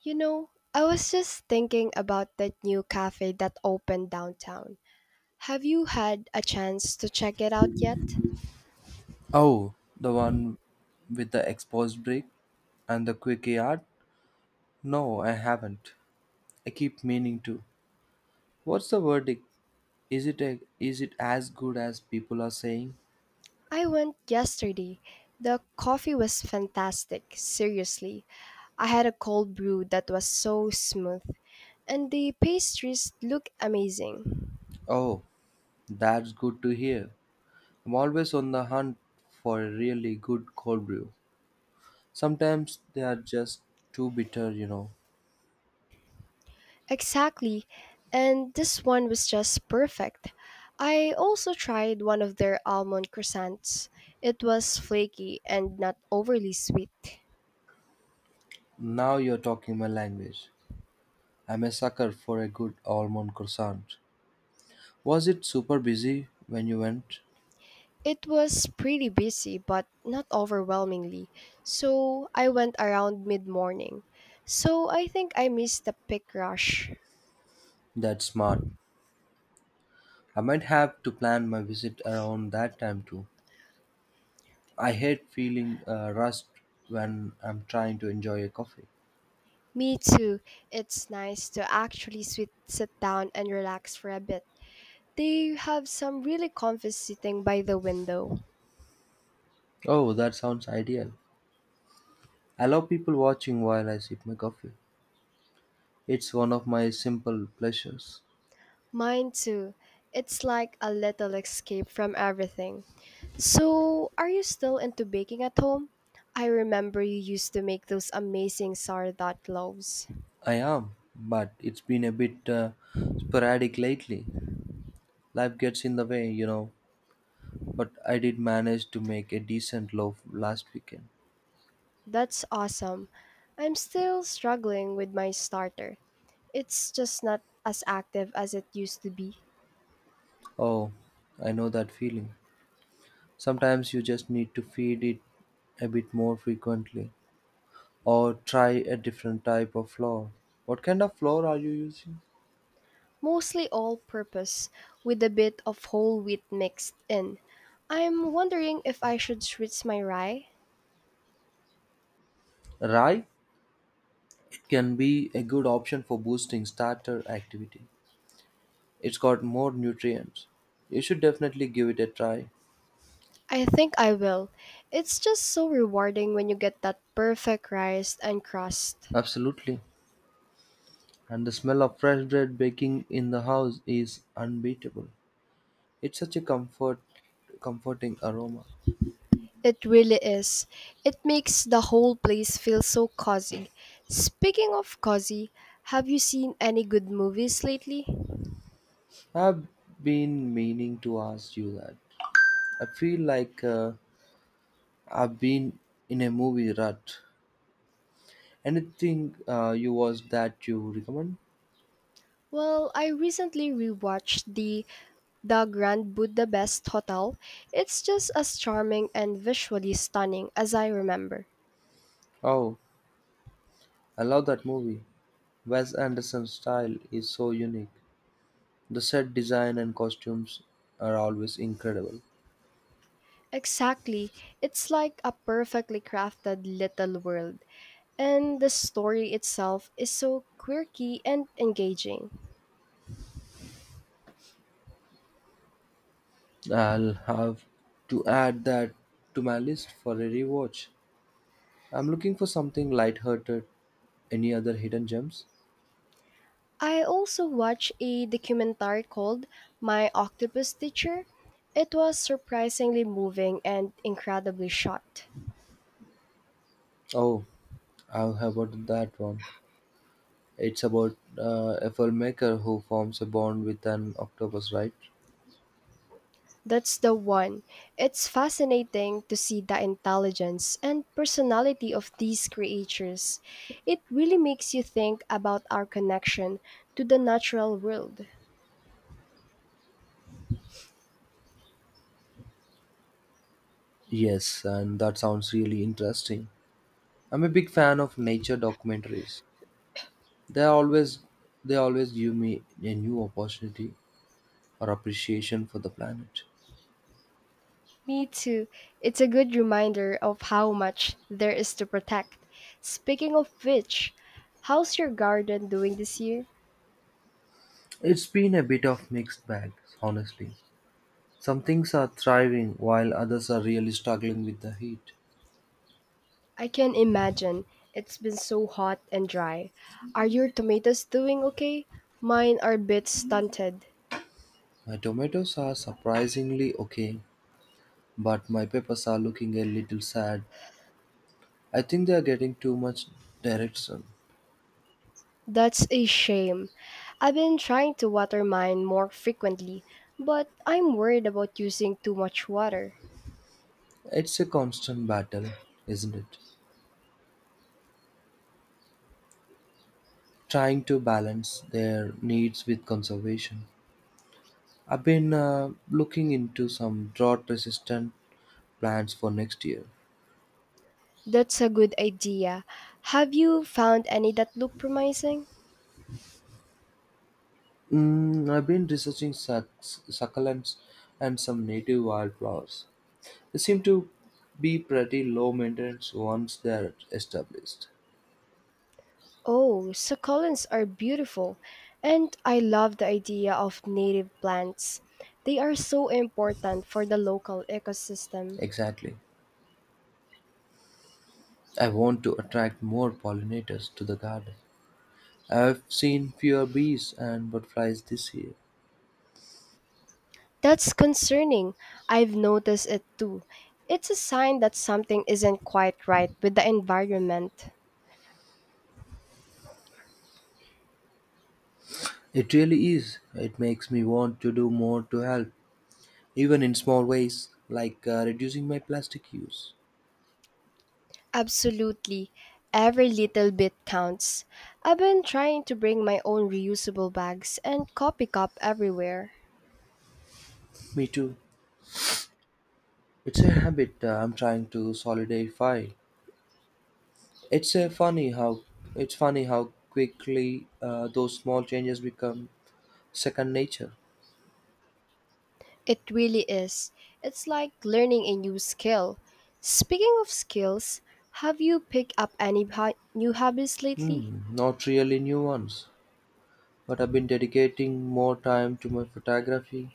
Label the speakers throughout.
Speaker 1: You know, I was just thinking about that new cafe that opened downtown. Have you had a chance to check it out yet?
Speaker 2: Oh, the one with the exposed brick and the quick yard? No, I haven't. I keep meaning to. What's the verdict? Is it as good as people are saying?
Speaker 1: I went yesterday. The coffee was fantastic, seriously. I had a cold brew that was so smooth, and the pastries look amazing.
Speaker 2: Oh, that's good to hear. I'm always on the hunt for a really good cold brew. Sometimes they are just too bitter, you know.
Speaker 1: Exactly, and this one was just perfect. I also tried one of their almond croissants. It was flaky and not overly sweet.
Speaker 2: Now you're talking my language. I'm a sucker for a good almond croissant. Was it super busy when you went?
Speaker 1: It was pretty busy, but not overwhelmingly, so I went around mid morning. So I think I missed the peak rush.
Speaker 2: That's smart. I might have to plan my visit around that time too. I hate feeling rushed when I'm trying to enjoy a coffee.
Speaker 1: Me too. It's nice to actually sit down and relax for a bit. They have some really comfy sitting by the window.
Speaker 2: Oh, that sounds ideal. I love people watching while I sip my coffee. It's one of my simple pleasures.
Speaker 1: Mine too. It's like a little escape from everything. So, are you still into baking at home? I remember you used to make those amazing sourdough loaves.
Speaker 2: I am, but it's been a bit sporadic lately. Life gets in the way, you know. But I did manage to make a decent loaf last weekend.
Speaker 1: That's awesome. I'm still struggling with my starter. It's just not as active as it used to be.
Speaker 2: Oh, I know that feeling. Sometimes you just need to feed it a bit more frequently, or try a different type of flour. What kind of flour are you using?
Speaker 1: Mostly all purpose, with a bit of whole wheat mixed in. I'm wondering if I should switch my rye.
Speaker 2: Rye it can be a good option for boosting starter activity. It's got more nutrients. You should definitely give it a try.
Speaker 1: I think I will. It's just so rewarding when you get that perfect rice and crust.
Speaker 2: Absolutely. And the smell of fresh bread baking in the house is unbeatable. It's such a comforting aroma.
Speaker 1: It really is. It makes the whole place feel so cozy. Speaking of cozy, have you seen any good movies lately?
Speaker 2: I've been meaning to ask you that. I feel like I've been in a movie rut. Anything you was that you recommend?
Speaker 1: Well, I recently rewatched The Grand Budapest Hotel. It's just as charming and visually stunning as I remember.
Speaker 2: Oh, I love that movie. Wes Anderson's style is so unique. The set design and costumes are always incredible.
Speaker 1: Exactly. It's like a perfectly crafted little world, and the story itself is so quirky and engaging.
Speaker 2: I'll have to add that to my list for a rewatch. I'm looking for something lighthearted. Any other hidden gems?
Speaker 1: I also watched a documentary called My Octopus Teacher. It was surprisingly moving and incredibly shot.
Speaker 2: Oh, I've heard that one. It's about a filmmaker who forms a bond with an octopus, right?
Speaker 1: That's the one. It's fascinating to see the intelligence and personality of these creatures. It really makes you think about our connection to the natural world.
Speaker 2: Yes, and that sounds really interesting. I'm a big fan of nature documentaries. They always they always give me a new opportunity or appreciation for the planet.
Speaker 1: Me too. It's a good reminder of how much there is to protect. Speaking of which, how's your garden doing this year?
Speaker 2: It's been a bit of mixed bag, honestly. Some things are thriving while others are really struggling with the heat.
Speaker 1: I can imagine. It's been so hot and dry. Are your tomatoes doing okay? Mine are a bit stunted.
Speaker 2: My tomatoes are surprisingly okay, but my peppers are looking a little sad. I think they are getting too much direction.
Speaker 1: That's a shame. I've been trying to water mine more frequently, but I'm worried about using too much water.
Speaker 2: It's a constant battle, isn't it? Trying to balance their needs with conservation. I've been looking into some drought resistant plants for next year.
Speaker 1: That's a good idea. Have you found any that look promising?
Speaker 2: I've been researching succulents and some native wildflowers. They seem to be pretty low maintenance once they're established.
Speaker 1: Oh, succulents are beautiful, and I love the idea of native plants. They are so important for the local ecosystem.
Speaker 2: Exactly. I want to attract more pollinators to the garden. I've seen fewer bees and butterflies this year.
Speaker 1: That's concerning. I've noticed it too. It's a sign that something isn't quite right with the environment.
Speaker 2: It really is. It makes me want to do more to help, even in small ways, like reducing my plastic use.
Speaker 1: Absolutely. Every little bit counts. I've been trying to bring my own reusable bags and coffee cup everywhere.
Speaker 2: Me too. It's a habit I'm trying to solidify. It's a funny how it's funny how quickly those small changes become second nature.
Speaker 1: It really is. It's like learning a new skill. Speaking of skills, have you picked up any new hobbies lately?
Speaker 2: Not really new ones, but I've been dedicating more time to my photography.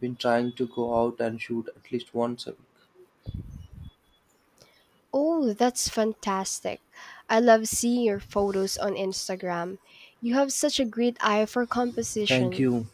Speaker 2: Been trying to go out and shoot at least once a week.
Speaker 1: Oh, that's fantastic. I love seeing your photos on Instagram. You have such a great eye for
Speaker 2: Thank
Speaker 1: composition.
Speaker 2: you.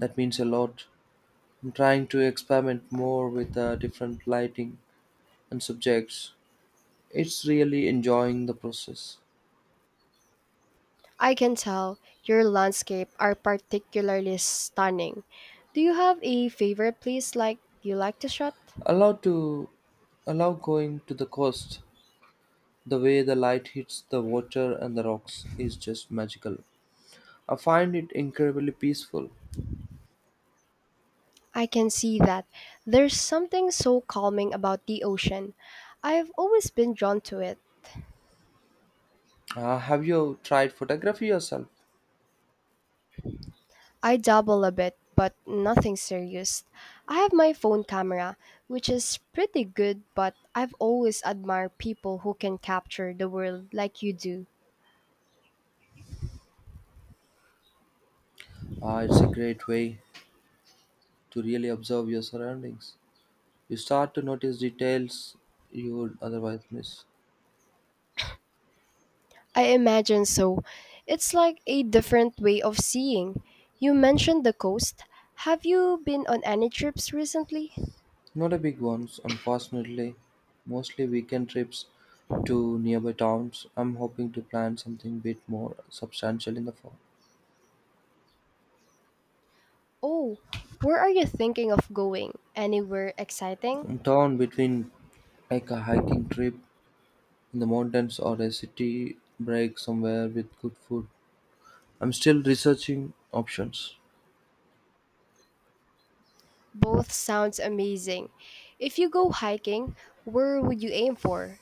Speaker 2: That means a lot. I'm trying to experiment more with different lighting and subjects. It's really enjoying the process.
Speaker 1: I can tell your landscape are particularly stunning. Do you have a favorite place like you like to shot?
Speaker 2: allowed to allow going to the coast. The way the light hits the water and the rocks is just magical. I find it incredibly peaceful.
Speaker 1: I can see that. There's something so calming about the ocean. I've always been drawn to it.
Speaker 2: Have you tried photography yourself?
Speaker 1: I dabble a bit, but nothing serious. I have my phone camera, which is pretty good, but I've always admired people who can capture the world like you do.
Speaker 2: It's a great way to really observe your surroundings. You start to notice details you would otherwise miss.
Speaker 1: I imagine so. It's like a different way of seeing. You mentioned the coast. Have you been on any trips recently?
Speaker 2: Not a big ones, unfortunately. Mostly weekend trips to nearby towns. I'm hoping to plan something bit more substantial in the fall.
Speaker 1: Oh, where are you thinking of going? Anywhere exciting?
Speaker 2: Torn between like a hiking trip in the mountains or a city break somewhere with good food. I'm still researching options.
Speaker 1: Both sounds amazing. If you go hiking, where would you aim for?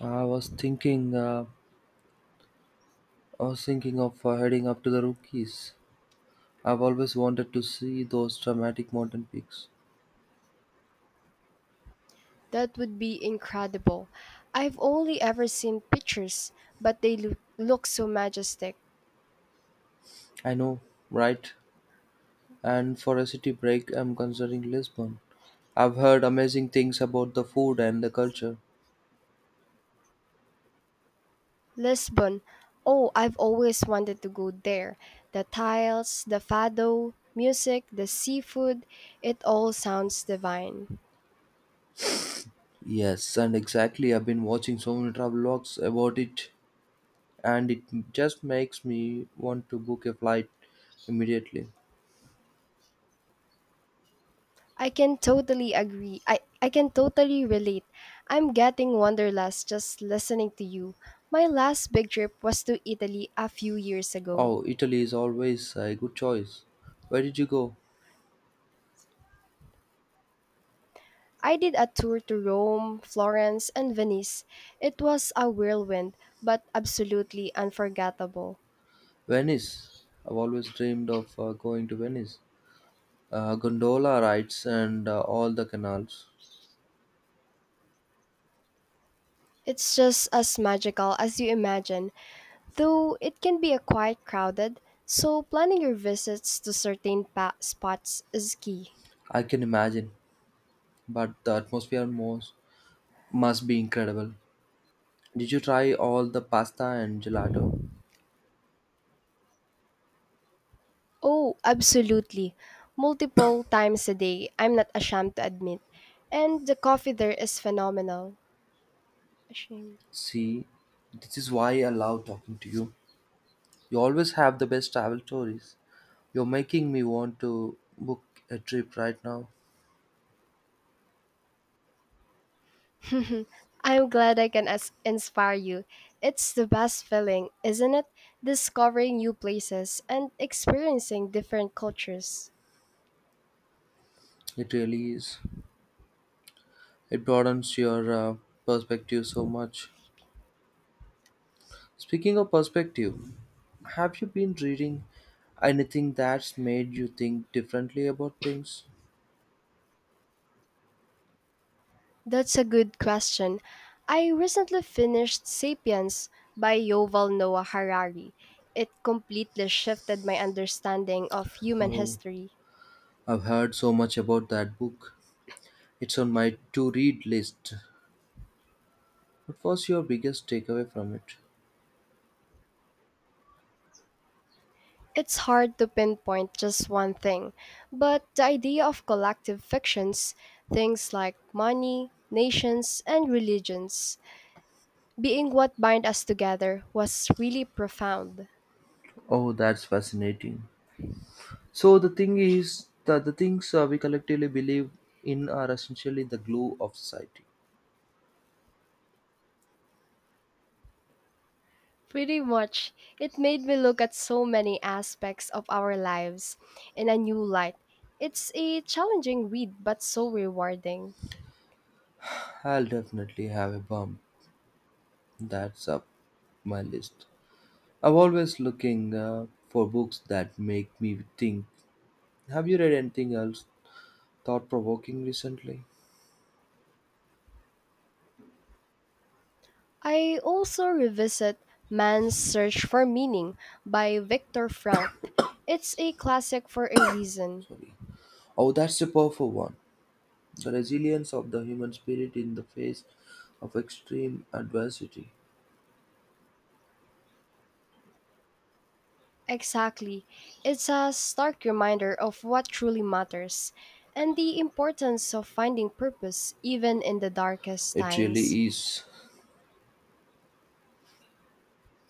Speaker 2: I was thinking, uh, I was thinking of heading up to the Rockies. I've always wanted to see those dramatic mountain peaks.
Speaker 1: That would be incredible. I've only ever seen pictures, but they look so majestic.
Speaker 2: I know, right? And for a city break, I'm considering Lisbon. I've heard amazing things about the food and the culture.
Speaker 1: Lisbon. Oh, I've always wanted to go there. The tiles, the fado, music, the seafood, it all sounds divine.
Speaker 2: Yes, and exactly. I've been watching so many travel vlogs about it, and it just makes me want to book a flight immediately.
Speaker 1: I can totally agree. I can totally relate. I'm getting wanderlust just listening to you. My last big trip was to Italy a few years ago.
Speaker 2: Oh, Italy is always a good choice. Where did you go?
Speaker 1: I did a tour to Rome, Florence, and Venice. It was a whirlwind, but absolutely unforgettable.
Speaker 2: Venice. I've always dreamed of going to Venice. Gondola rides and all the canals.
Speaker 1: It's just as magical as you imagine. Though it can be a quite crowded, so planning your visits to certain spots is key.
Speaker 2: I can imagine, but the atmosphere must be incredible. Did you try all the pasta and gelato?
Speaker 1: Oh, absolutely. Multiple times a day, I'm not ashamed to admit. And the coffee there is phenomenal. Ashamed.
Speaker 2: See, this is why I love talking to you. You always have the best travel stories. You're making me want to book a trip right now.
Speaker 1: I'm glad I can inspire you. It's the best feeling, isn't it? Discovering new places and experiencing different cultures.
Speaker 2: It really is. It broadens your perspective so much. Speaking of perspective, have you been reading anything that's made you think differently about things?
Speaker 1: That's a good question. I recently finished Sapiens by Yoval Noah Harari. It completely shifted my understanding of human
Speaker 2: Oh,
Speaker 1: history.
Speaker 2: I've heard so much about that book. It's on my to read list. What was your biggest takeaway from it?
Speaker 1: It's hard to pinpoint just one thing, but the idea of collective fictions, things like money, nations, and religions, being what bind us together was really profound.
Speaker 2: Oh, that's fascinating. So the thing is that the things we collectively believe in are essentially the glue of society.
Speaker 1: Pretty much. It made me look at so many aspects of our lives in a new light. It's a challenging read, but so rewarding.
Speaker 2: I'll definitely have a bump. That's up my list. I'm always looking for books that make me think. Have you read anything else thought provoking recently?
Speaker 1: I also revisit Man's Search for Meaning by Viktor Frankl. It's a classic for a reason.
Speaker 2: Sorry. Oh, that's a powerful one. The resilience of the human spirit in the face of extreme adversity.
Speaker 1: Exactly. It's a stark reminder of what truly matters and the importance of finding purpose even in the darkest
Speaker 2: It
Speaker 1: times.
Speaker 2: really is.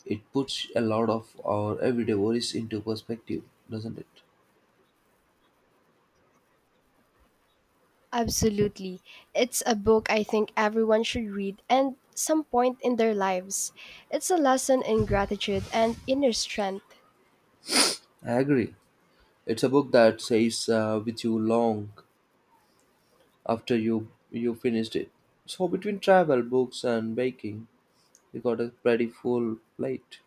Speaker 2: It puts a lot of our everyday worries into perspective, doesn't it?
Speaker 1: Absolutely. It's a book I think everyone should read and some point in their lives. It's a lesson in gratitude and inner strength.
Speaker 2: I agree. It's a book that stays with you long after you finished it. So between travel, books, and baking, you got a pretty full plate.